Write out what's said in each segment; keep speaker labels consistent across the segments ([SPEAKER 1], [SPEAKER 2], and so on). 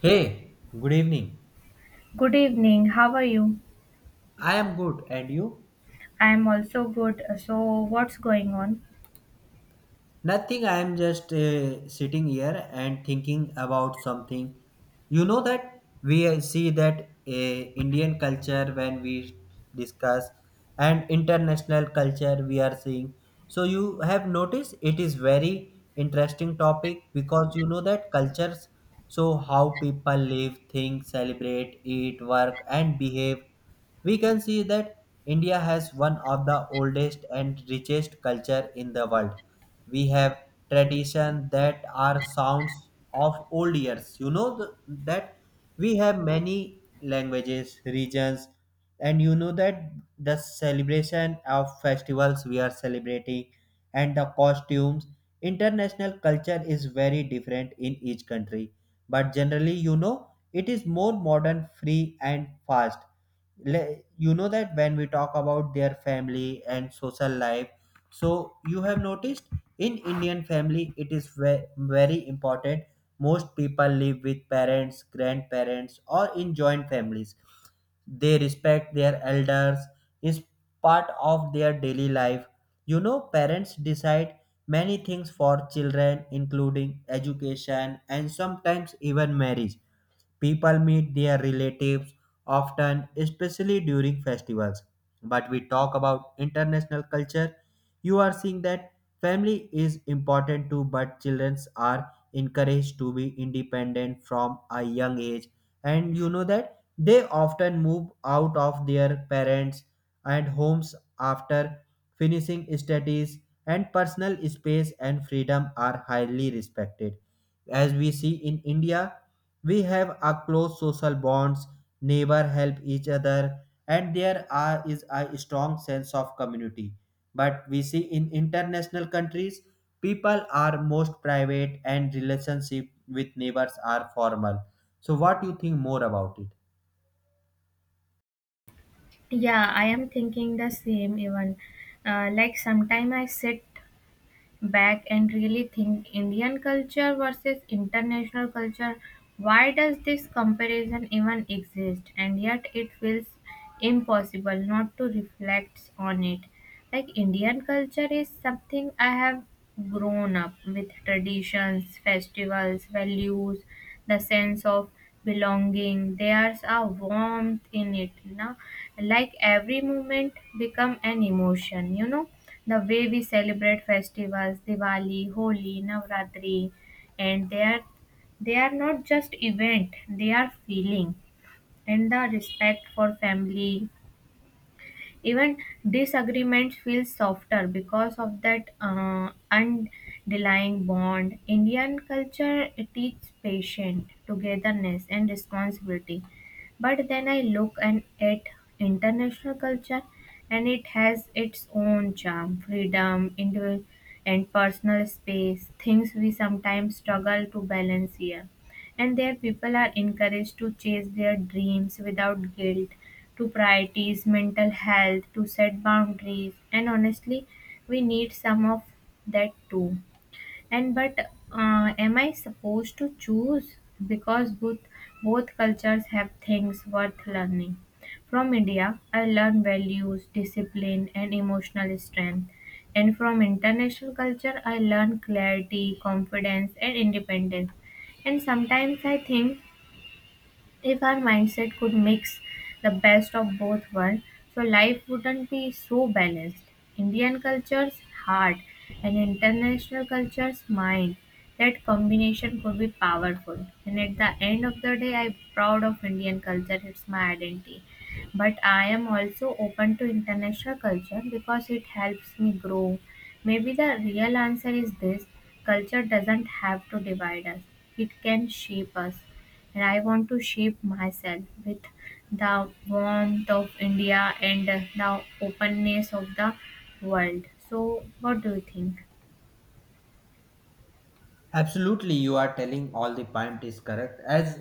[SPEAKER 1] Hey, good evening.
[SPEAKER 2] Good evening. How are you?
[SPEAKER 1] I am good, and you?
[SPEAKER 2] I'm also good. So, what's going on?
[SPEAKER 1] Nothing, I am just sitting here and thinking about something. You know that we see that Indian culture when we discuss and international culture we are seeing. So you have noticed it is very interesting topic because you know that cultures, so how people live, think, celebrate, eat, work and behave. We can see that India has one of the oldest and richest culture in the world. We have tradition that are sounds of old years, you know, that we have many languages, regions, and you know that the celebration of festivals we are celebrating, and the costumes. International culture is very different in each country, but generally you know it is more modern, free and fast. You know that when we talk about their family and social life, so you have noticed in Indian family it is very important. Most people live with parents, grandparents, or in joint families. They respect their elders, is part of their daily life. You know, parents decide many things for children including education and sometimes even marriage. People meet their relatives often, especially during festivals. But we talk about international culture. You are seeing that family is important too, but children are encouraged to be independent from a young age. And you know that they often move out of their parents and homes after finishing studies, and personal space and freedom are highly respected. As we see in India, we have a close social bonds, neighbor help each other, and there are, is a strong sense of community. But we see in international countries, people are most private and relationship with neighbors are formal. So what do you think more about it?
[SPEAKER 2] Yeah, I am thinking the same even. Like sometime I sit back and really think Indian culture versus international culture. Why does this comparison even exist? And yet it feels impossible not to reflect on it. Like Indian culture is something I have grown up with traditions, festivals, values, the sense of belonging. There's a warmth in it. Now, like every moment become an emotion, you know the way we celebrate festivals diwali holi navratri and they are not just event they are feeling and the respect for family even disagreements feel softer because of that underlying bond. Indian culture teaches patience togetherness and responsibility, but then I look and at international culture, and it has its own charm freedom individual and personal space, things we sometimes struggle to balance here. And there people are encouraged to chase their dreams without guilt, to prioritize mental health, to set boundaries. And honestly, we need some of that too. And but uh, am i supposed to choose, because both cultures have things worth learning. From India I learn values discipline and emotional strength, and from international culture I learn clarity confidence and independence. And sometimes I think, if our mindset could mix the best of both worlds, so life wouldn't be so balanced. Indian culture's heart and international culture's mind. That combination could be powerful. And at the end of the day, I'm proud of Indian culture. It's my identity. But I am also open to international culture because it helps me grow. Maybe the real answer is this: culture doesn't have to divide us, it can shape us, and I want to shape myself with the warmth of India and the openness of the world. So, what do you think?
[SPEAKER 1] Absolutely, you are telling all the point is correct. As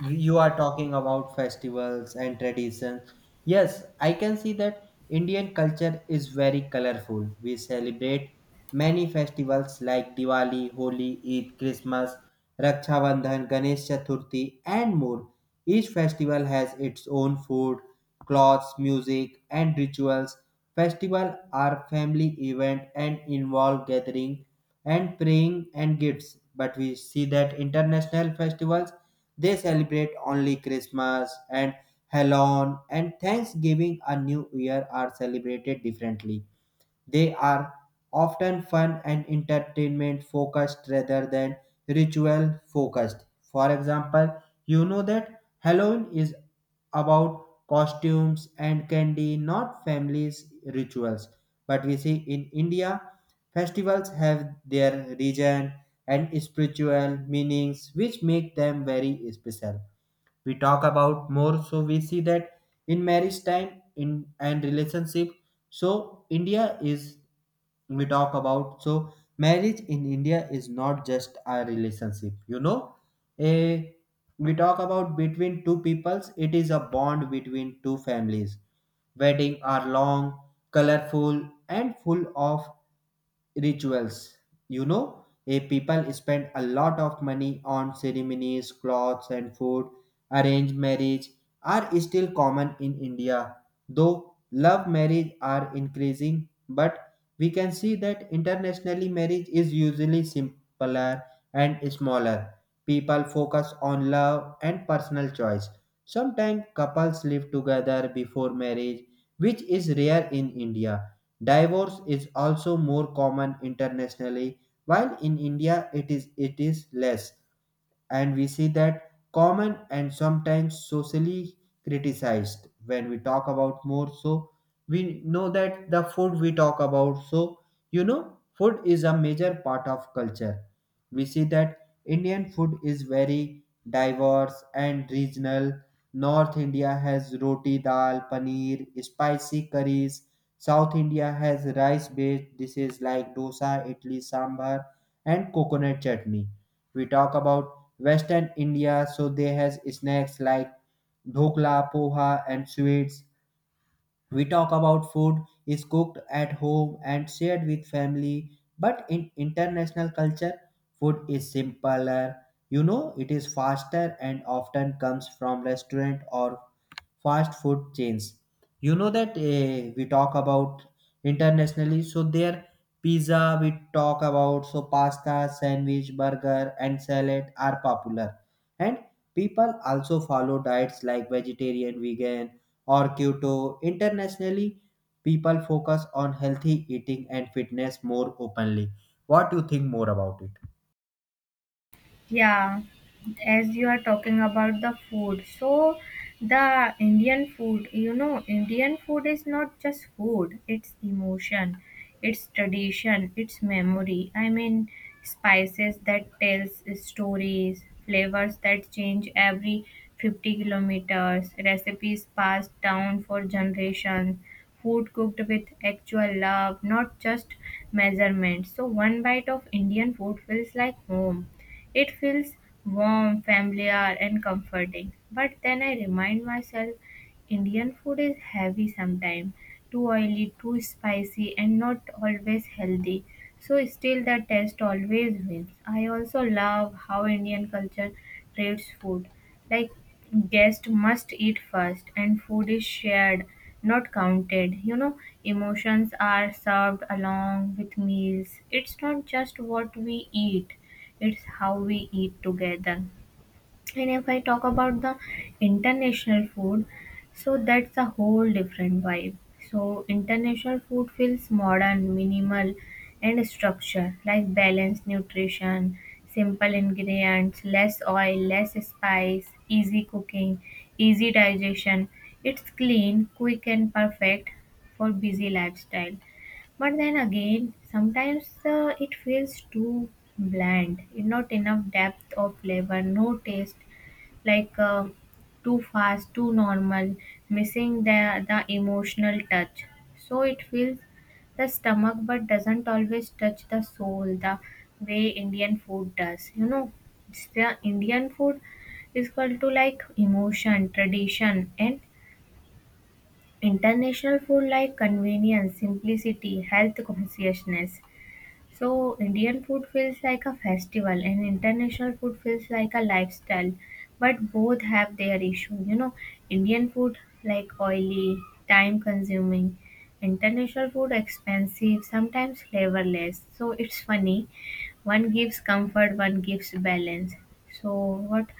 [SPEAKER 1] you are talking about festivals and traditions, yes, I can see that Indian culture is very colorful. We celebrate many festivals like Diwali, Holi, Eid, Christmas, Raksha Bandhan, Ganesh Chaturthi, and more. Each festival has its own food, clothes, music, and rituals. Festivals are family event and involve gathering and praying and gifts. But we see that international festivals, they celebrate only Christmas and Halloween and Thanksgiving, a new year are celebrated differently. They are often fun and entertainment focused rather than ritual focused. For example, you know that Halloween is about costumes and candy, not families' rituals. But we see in India, festivals have their region and spiritual meanings which make them very special. We talk about more, so we see that in marriage time in and relationship, so India is, we talk about, so marriage in India is not just a relationship. You know, a, we talk about between two peoples. It is a bond between two families. Wedding are long, colorful, and full of rituals. You know, a people spend a lot of money on ceremonies, clothes, and food. Arranged marriage are still common in India, though love marriage are increasing, but we can see that internationally marriage is usually simpler and smaller. People focus on love and personal choice. Sometimes couples live together before marriage, which is rare in India. Divorce is also more common internationally, while in India it is less, and we see that common and sometimes socially criticized. When we talk about more, so we know that the food, we talk about, so you know food is a major part of culture. We see that Indian food is very diverse and regional. North India has roti, dal, paneer, spicy curries. South India has rice based dishes like dosa, idli, sambar and coconut chutney. We talk about Western India, so they has snacks like dhokla, poha, and sweets. We talk about food is cooked at home and shared with family, but in international culture, food is simpler. You know, it is faster and often comes from restaurant or fast food chains. You know that we talk about internationally, so their pizza, we talk about, so pasta, sandwich, burger, and salad are popular. And people also follow diets like vegetarian, vegan, or keto. Internationally, people focus on healthy eating and fitness more openly. What do you think more about it?
[SPEAKER 2] Yeah, as you are talking about the food, so the Indian food, you know, Indian food is not just food, it's emotion, it's tradition, it's memory. I mean, spices that tells stories, flavors that change every 50 kilometers, recipes passed down for generations, food cooked with actual love, not just measurements. So one bite of Indian food feels like home. It feels warm, familiar, and comforting. But then I remind myself, Indian food is heavy sometimes, too oily, too spicy, and not always healthy. So, still, the taste always wins. I also love how Indian culture treats food. Like, guests must eat first, and food is shared, not counted. You know, emotions are served along with meals. It's not just what we eat, it's how we eat together. And if I talk about the international food, so that's a whole different vibe. So international food feels modern, minimal, and structured, like balanced nutrition, simple ingredients, less oil, less spice, easy cooking, easy digestion. It's clean, quick, and perfect for busy lifestyle. But then again, sometimes it feels too bland, not enough depth of flavor, no taste, like too fast, too normal, missing the emotional touch. So it fills the stomach, but doesn't always touch the soul the way Indian food does. You know, it's the Indian food is equal to like emotion, tradition, and international food like convenience, simplicity, health consciousness. So Indian food feels like a festival and international food feels like a lifestyle, but both have their issue. You know, Indian food like oily, time consuming, international food expensive, sometimes flavorless. So it's funny. One gives comfort, one gives balance. So what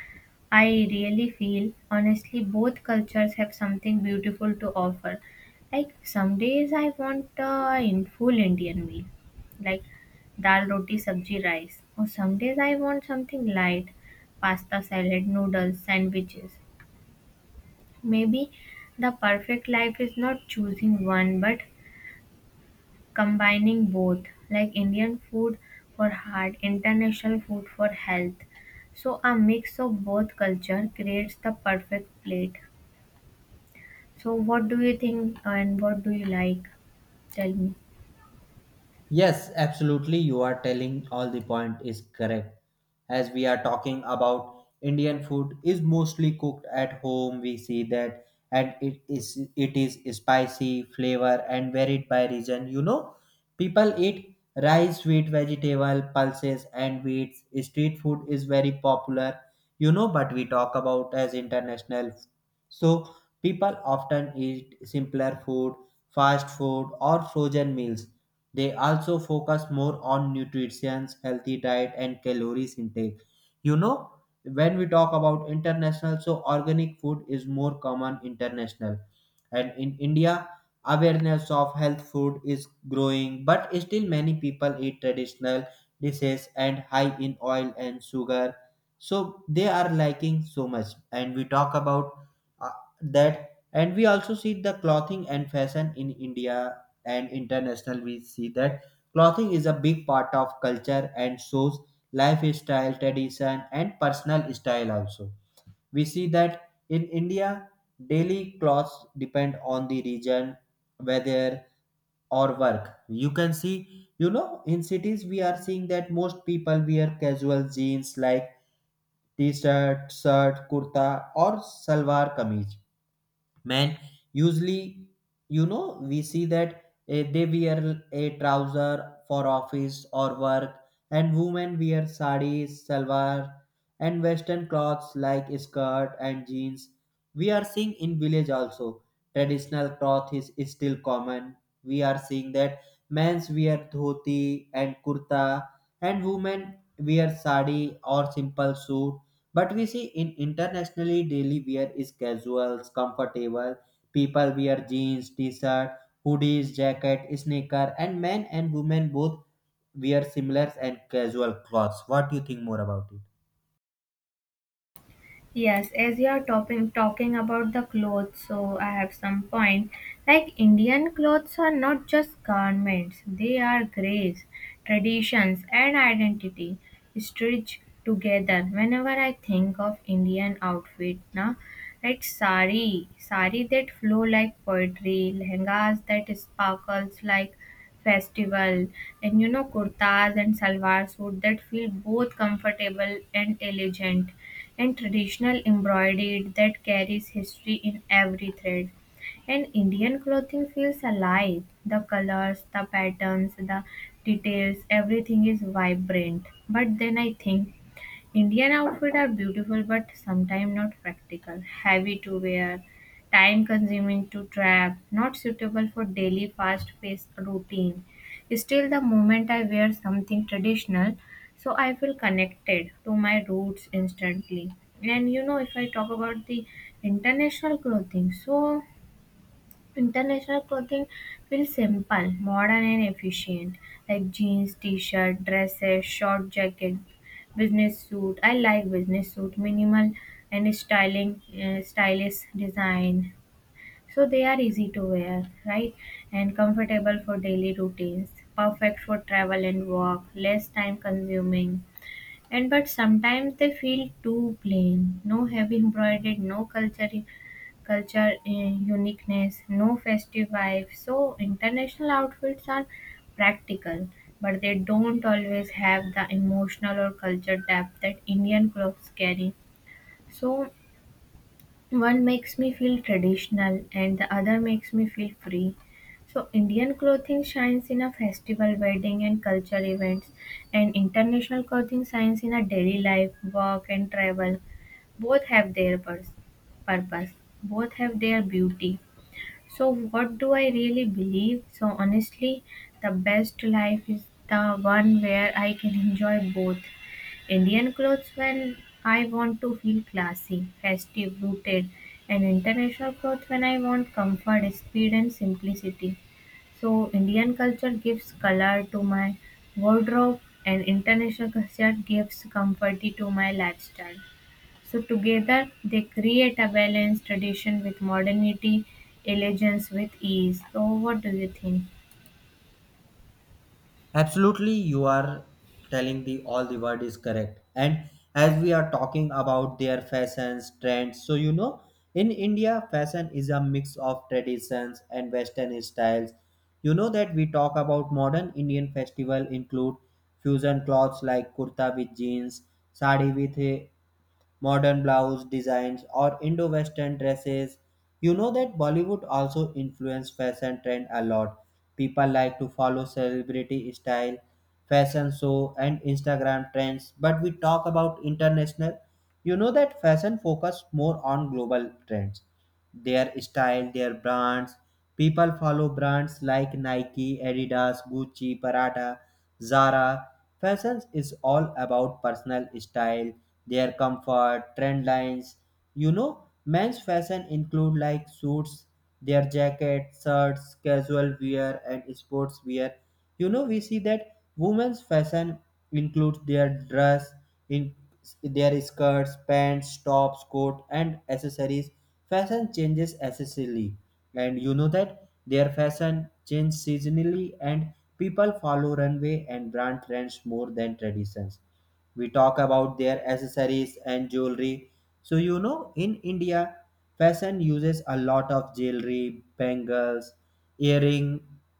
[SPEAKER 2] I really feel, honestly, both cultures have something beautiful to offer. Like some days I want a in full Indian meal like dal roti sabji rice. Or some days I want something light, pasta salad, noodles, sandwiches. Maybe the perfect life is not choosing one but combining both, like Indian food for heart, international food for health. So a mix of both culture creates the perfect plate. So what do you think and what do you like? Tell me.
[SPEAKER 1] Yes, absolutely. You are telling all the point is correct. As we are talking about Indian food is mostly cooked at home, we see that, and it is spicy, flavor and varied by region. You know, people eat rice, sweet vegetable, pulses and wheats. Street food is very popular, you know, but we talk about as international. So people often eat simpler food, fast food or frozen meals. They also focus more on nutrition, healthy diet, and calories intake. You know, when we talk about international, so organic food is more common international. And in India, awareness of health food is growing, but still many people eat traditional dishes and high in oil and sugar. So they are liking so much. And we talk about uh, that, and we also see the clothing and fashion in India and international. We see that clothing is a big part of culture and shows lifestyle, tradition and personal style also. We see that in India, daily clothes depend on the region, weather or work. You can see, you know, in cities we are seeing that most people wear casual jeans like t-shirt, shirt, kurta or salwar kameez. Man usually, you know, we see that they wear a trouser for office or work, and women wear sarees, salwar and western clothes like skirt and jeans. We are seeing in village also traditional cloth is still common. We are seeing that men's wear dhoti and kurta, and women wear sari or simple suit. But we see in internationally daily wear is casuals, comfortable. People wear jeans, t-shirt, hoodies, jacket, sneaker, and men and women both wear similar and casual clothes. What do you think more about it?
[SPEAKER 2] Yes, as you are talking about the clothes, so I have some point. Like Indian clothes are not just garments; they are graves, traditions, and identity stitched together. Whenever I think of Indian outfit, na, like sari that flow like poetry, lehengas that sparkles like festival, and you know kurtas and salwar suit that feel both comfortable and elegant and traditional embroidery that carries history in every thread. And Indian clothing feels alive. The colors, the patterns, the details, everything is vibrant. But then I think Indian outfits are beautiful but sometimes not practical, heavy to wear, time consuming to trap, not suitable for daily fast paced routine. Still, the moment I wear something traditional, so I feel connected to my roots instantly. And you know, if I talk about the international clothing, so international clothing feels simple, modern and efficient, like jeans, t-shirt, dresses, short jacket, business suit. I like business suit, minimal and styling, stylish design. So they are easy to wear, right? And comfortable for daily routines, perfect for travel and work, less time consuming. And but sometimes they feel too plain, no heavy embroidered, no culture and uniqueness, no festive vibe. So international outfits are practical, but they don't always have the emotional or culture depth that Indian clothes carry. So one makes me feel traditional and the other makes me feel free. So Indian clothing shines in a festival wedding and cultural events, and international clothing shines in a daily life work and travel. Both have their pers- purpose, both have their beauty. So, what do I really believe? So, honestly, the best life is the one where I can enjoy both: Indian clothes when I want to feel classy, festive, rooted, and international clothes when I want comfort, speed, and simplicity. So, Indian culture gives color to my wardrobe, and international culture gives comfort to my lifestyle. So together they create a balanced tradition with modernity, elegance with ease. So what do you think?
[SPEAKER 1] Absolutely, you are telling the all the word is correct. And as we are talking about their fashions, trends, so you know, in India, fashion is a mix of traditions and Western styles. You know that we talk about modern Indian festival include fusion clothes like kurta with jeans, sari with modern blouse designs or indo-western dresses. You know that Bollywood also influenced fashion trend a lot. People like to follow celebrity style, fashion show and Instagram trends. But we talk about international, you know that fashion focus more on global trends, their style, their brands. People follow brands like Nike, Adidas, Gucci, Prada, Zara. Fashion is all about personal style, their comfort, trend lines. You know, men's fashion include like suits, their jackets, shirts, casual wear, and sports wear. You know, we see that women's fashion includes their dress, in their skirts, pants, tops, coat, and accessories. Fashion changes accessorily, and you know that their fashion changes seasonally, and people follow runway and brand trends more than traditions. We talk about their accessories and jewelry, so you know in India fashion uses a lot of jewelry, bangles, earring,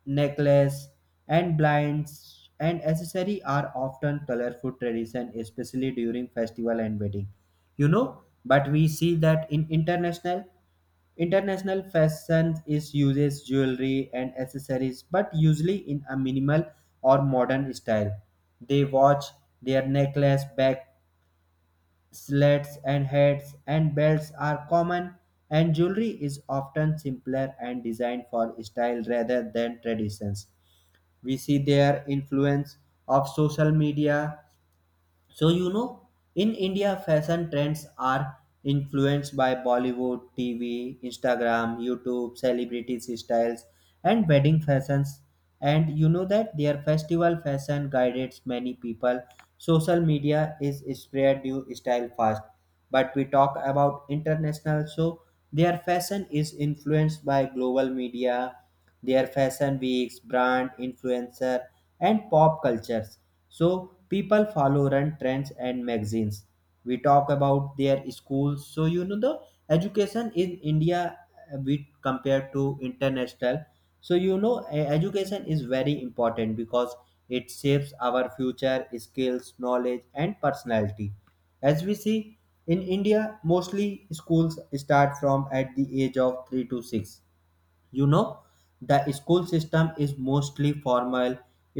[SPEAKER 1] necklace and blinds, and accessory are often colorful tradition especially during festival and wedding. You know, but we see that in international, international fashion is uses jewelry and accessories, but usually in a minimal or modern style. They watch, their necklace, bag, slats, and hats, and belts are common. And jewelry is often simpler and designed for style rather than traditions. We see their influence of social media, so, you know, in India, fashion trends are influenced by Bollywood, TV, Instagram, YouTube, celebrities' styles, and wedding fashions. And you know that their festival fashion guides many people. Social media is spread new style fast. But we talk about international, so their fashion is influenced by global media, their fashion weeks, brand, influencer, and pop cultures. So people follow run trends and magazines. We talk about their schools. So you know the education in India we compared to international. So you know education is very important because it shapes our future skills, knowledge, and personality. As we see in India, mostly schools start from at the age of three to six. You know, the school system is mostly formal.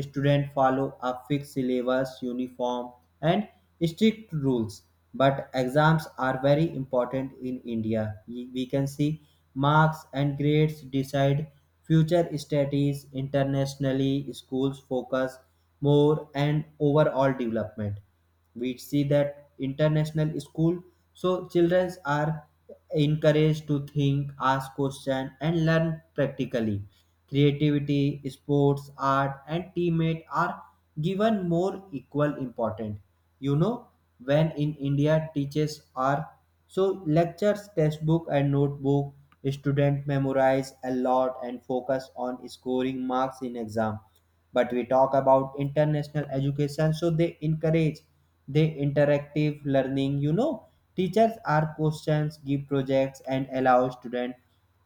[SPEAKER 1] Students follow a fixed syllabus, uniform and strict rules, but exams are very important in India. We can see marks and grades decide future studies. Internationally schools focus more and overall development. We see that international school, so children are encouraged to think, ask questions and learn practically. Creativity, sports, art and teammate are given more equal important. You know, when in India teachers are, so lectures, textbook and notebook, student memorize a lot and focus on scoring marks in exam. But we talk about international education, so they encourage the interactive learning. You know, teachers are questions, give projects and allow students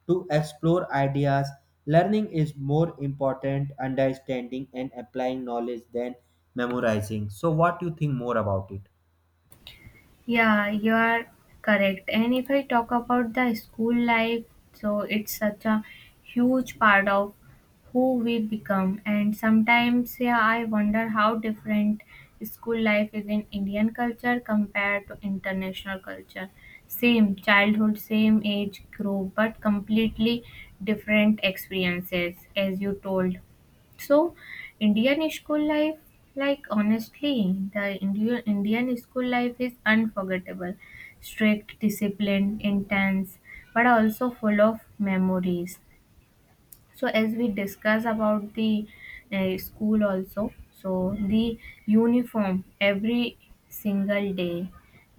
[SPEAKER 1] to explore ideas. Learning is more important understanding and applying knowledge than memorizing. So what do you think more about it?
[SPEAKER 2] Yeah, you are correct. And if I talk about the school life, so it's such a huge part of who we become. And sometimes, yeah, I wonder how different school life is in Indian culture compared to international culture. Same childhood, same age group, but completely different experiences, as you told. So, Indian school life, like honestly, the Indian school life is unforgettable. Strict, disciplined, intense, but also full of memories. So as we discuss about the school also, so the uniform every single day,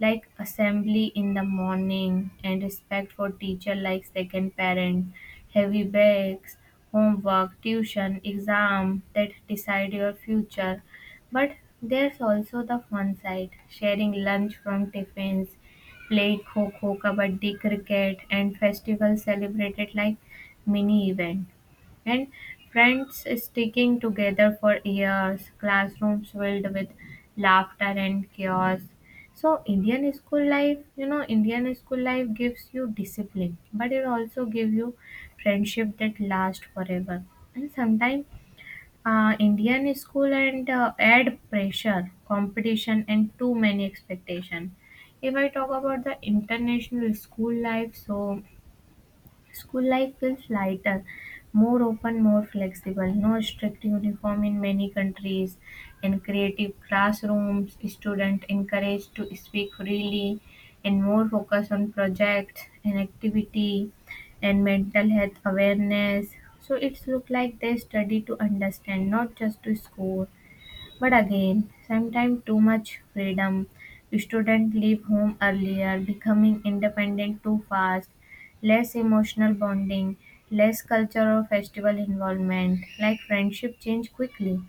[SPEAKER 2] like assembly in the morning and respect for teacher like second parent, heavy bags, homework, tuition, exam that decide your future. But there's also the fun side: sharing lunch from tiffins, played kho kho kabaddi cricket, and festivals celebrated like mini event, and friends sticking together for years, classrooms filled with laughter and chaos. So Indian school life, you know, Indian school life gives you discipline, but it also gives you friendship that lasts forever. And sometimes Indian school and add pressure, competition, and too many expectation. If I talk about the international school life, so school life feels lighter, more open, more flexible. No strict uniform in many countries. In creative classrooms, students encouraged to speak freely and more focus on projects and activity and mental health awareness. So it's look like they study to understand, not just to score. But again, sometimes too much freedom. Students leave home earlier, becoming independent too fast, less emotional bonding, less culture or festival involvement, like friendship change quickly.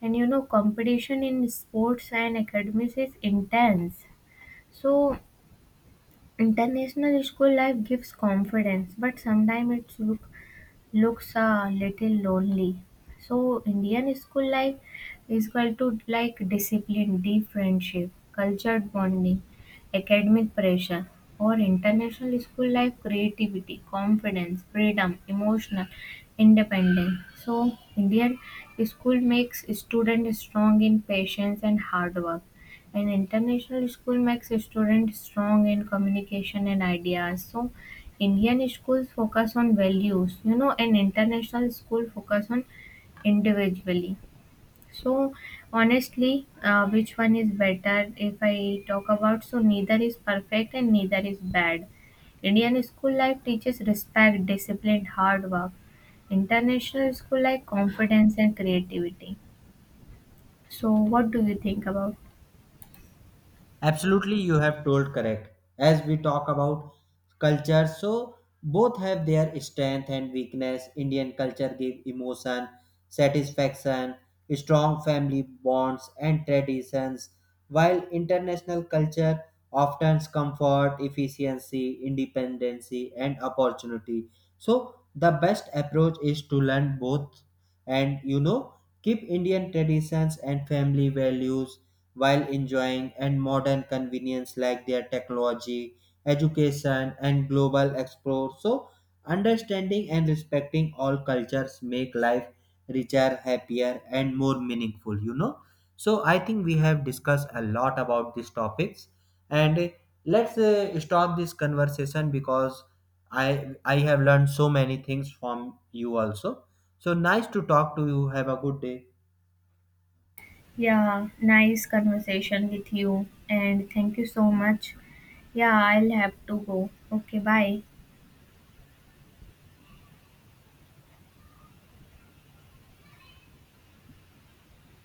[SPEAKER 2] And you know, competition in sports and academics is intense. So, international school life gives confidence, but sometimes it's looks a little lonely. So Indian school life is equal to like discipline, deep friendship, cultured bonding, academic pressure. Or international school life, creativity, confidence, freedom, emotional independence. So Indian school makes student strong in patience and hard work. And international school makes student strong in communication and ideas. So Indian schools focus on values, you know, and international school focus on individually. So honestly, which one is better? If I talk about, so neither is perfect and neither is bad. Indian school life teaches respect, discipline, hard work. International school life confidence and creativity. So what do you think about?
[SPEAKER 1] Absolutely, you have told correct. As we talk about culture, so both have their strength and weakness. Indian culture give emotion, satisfaction, strong family bonds and traditions, while international culture often comfort, efficiency, independency, and opportunity. So the best approach is to learn both, and you know keep Indian traditions and family values while enjoying and modern convenience like their technology, education and global explore. So understanding and respecting all cultures make life richer, happier and more meaningful, you know. So I think we have discussed a lot about these topics, and let's stop this conversation because I have learned so many things from you also. So nice to talk to you. Have a good day.
[SPEAKER 2] Yeah, nice conversation with you, and thank you so much. Yeah, I'll have to go. Okay, bye.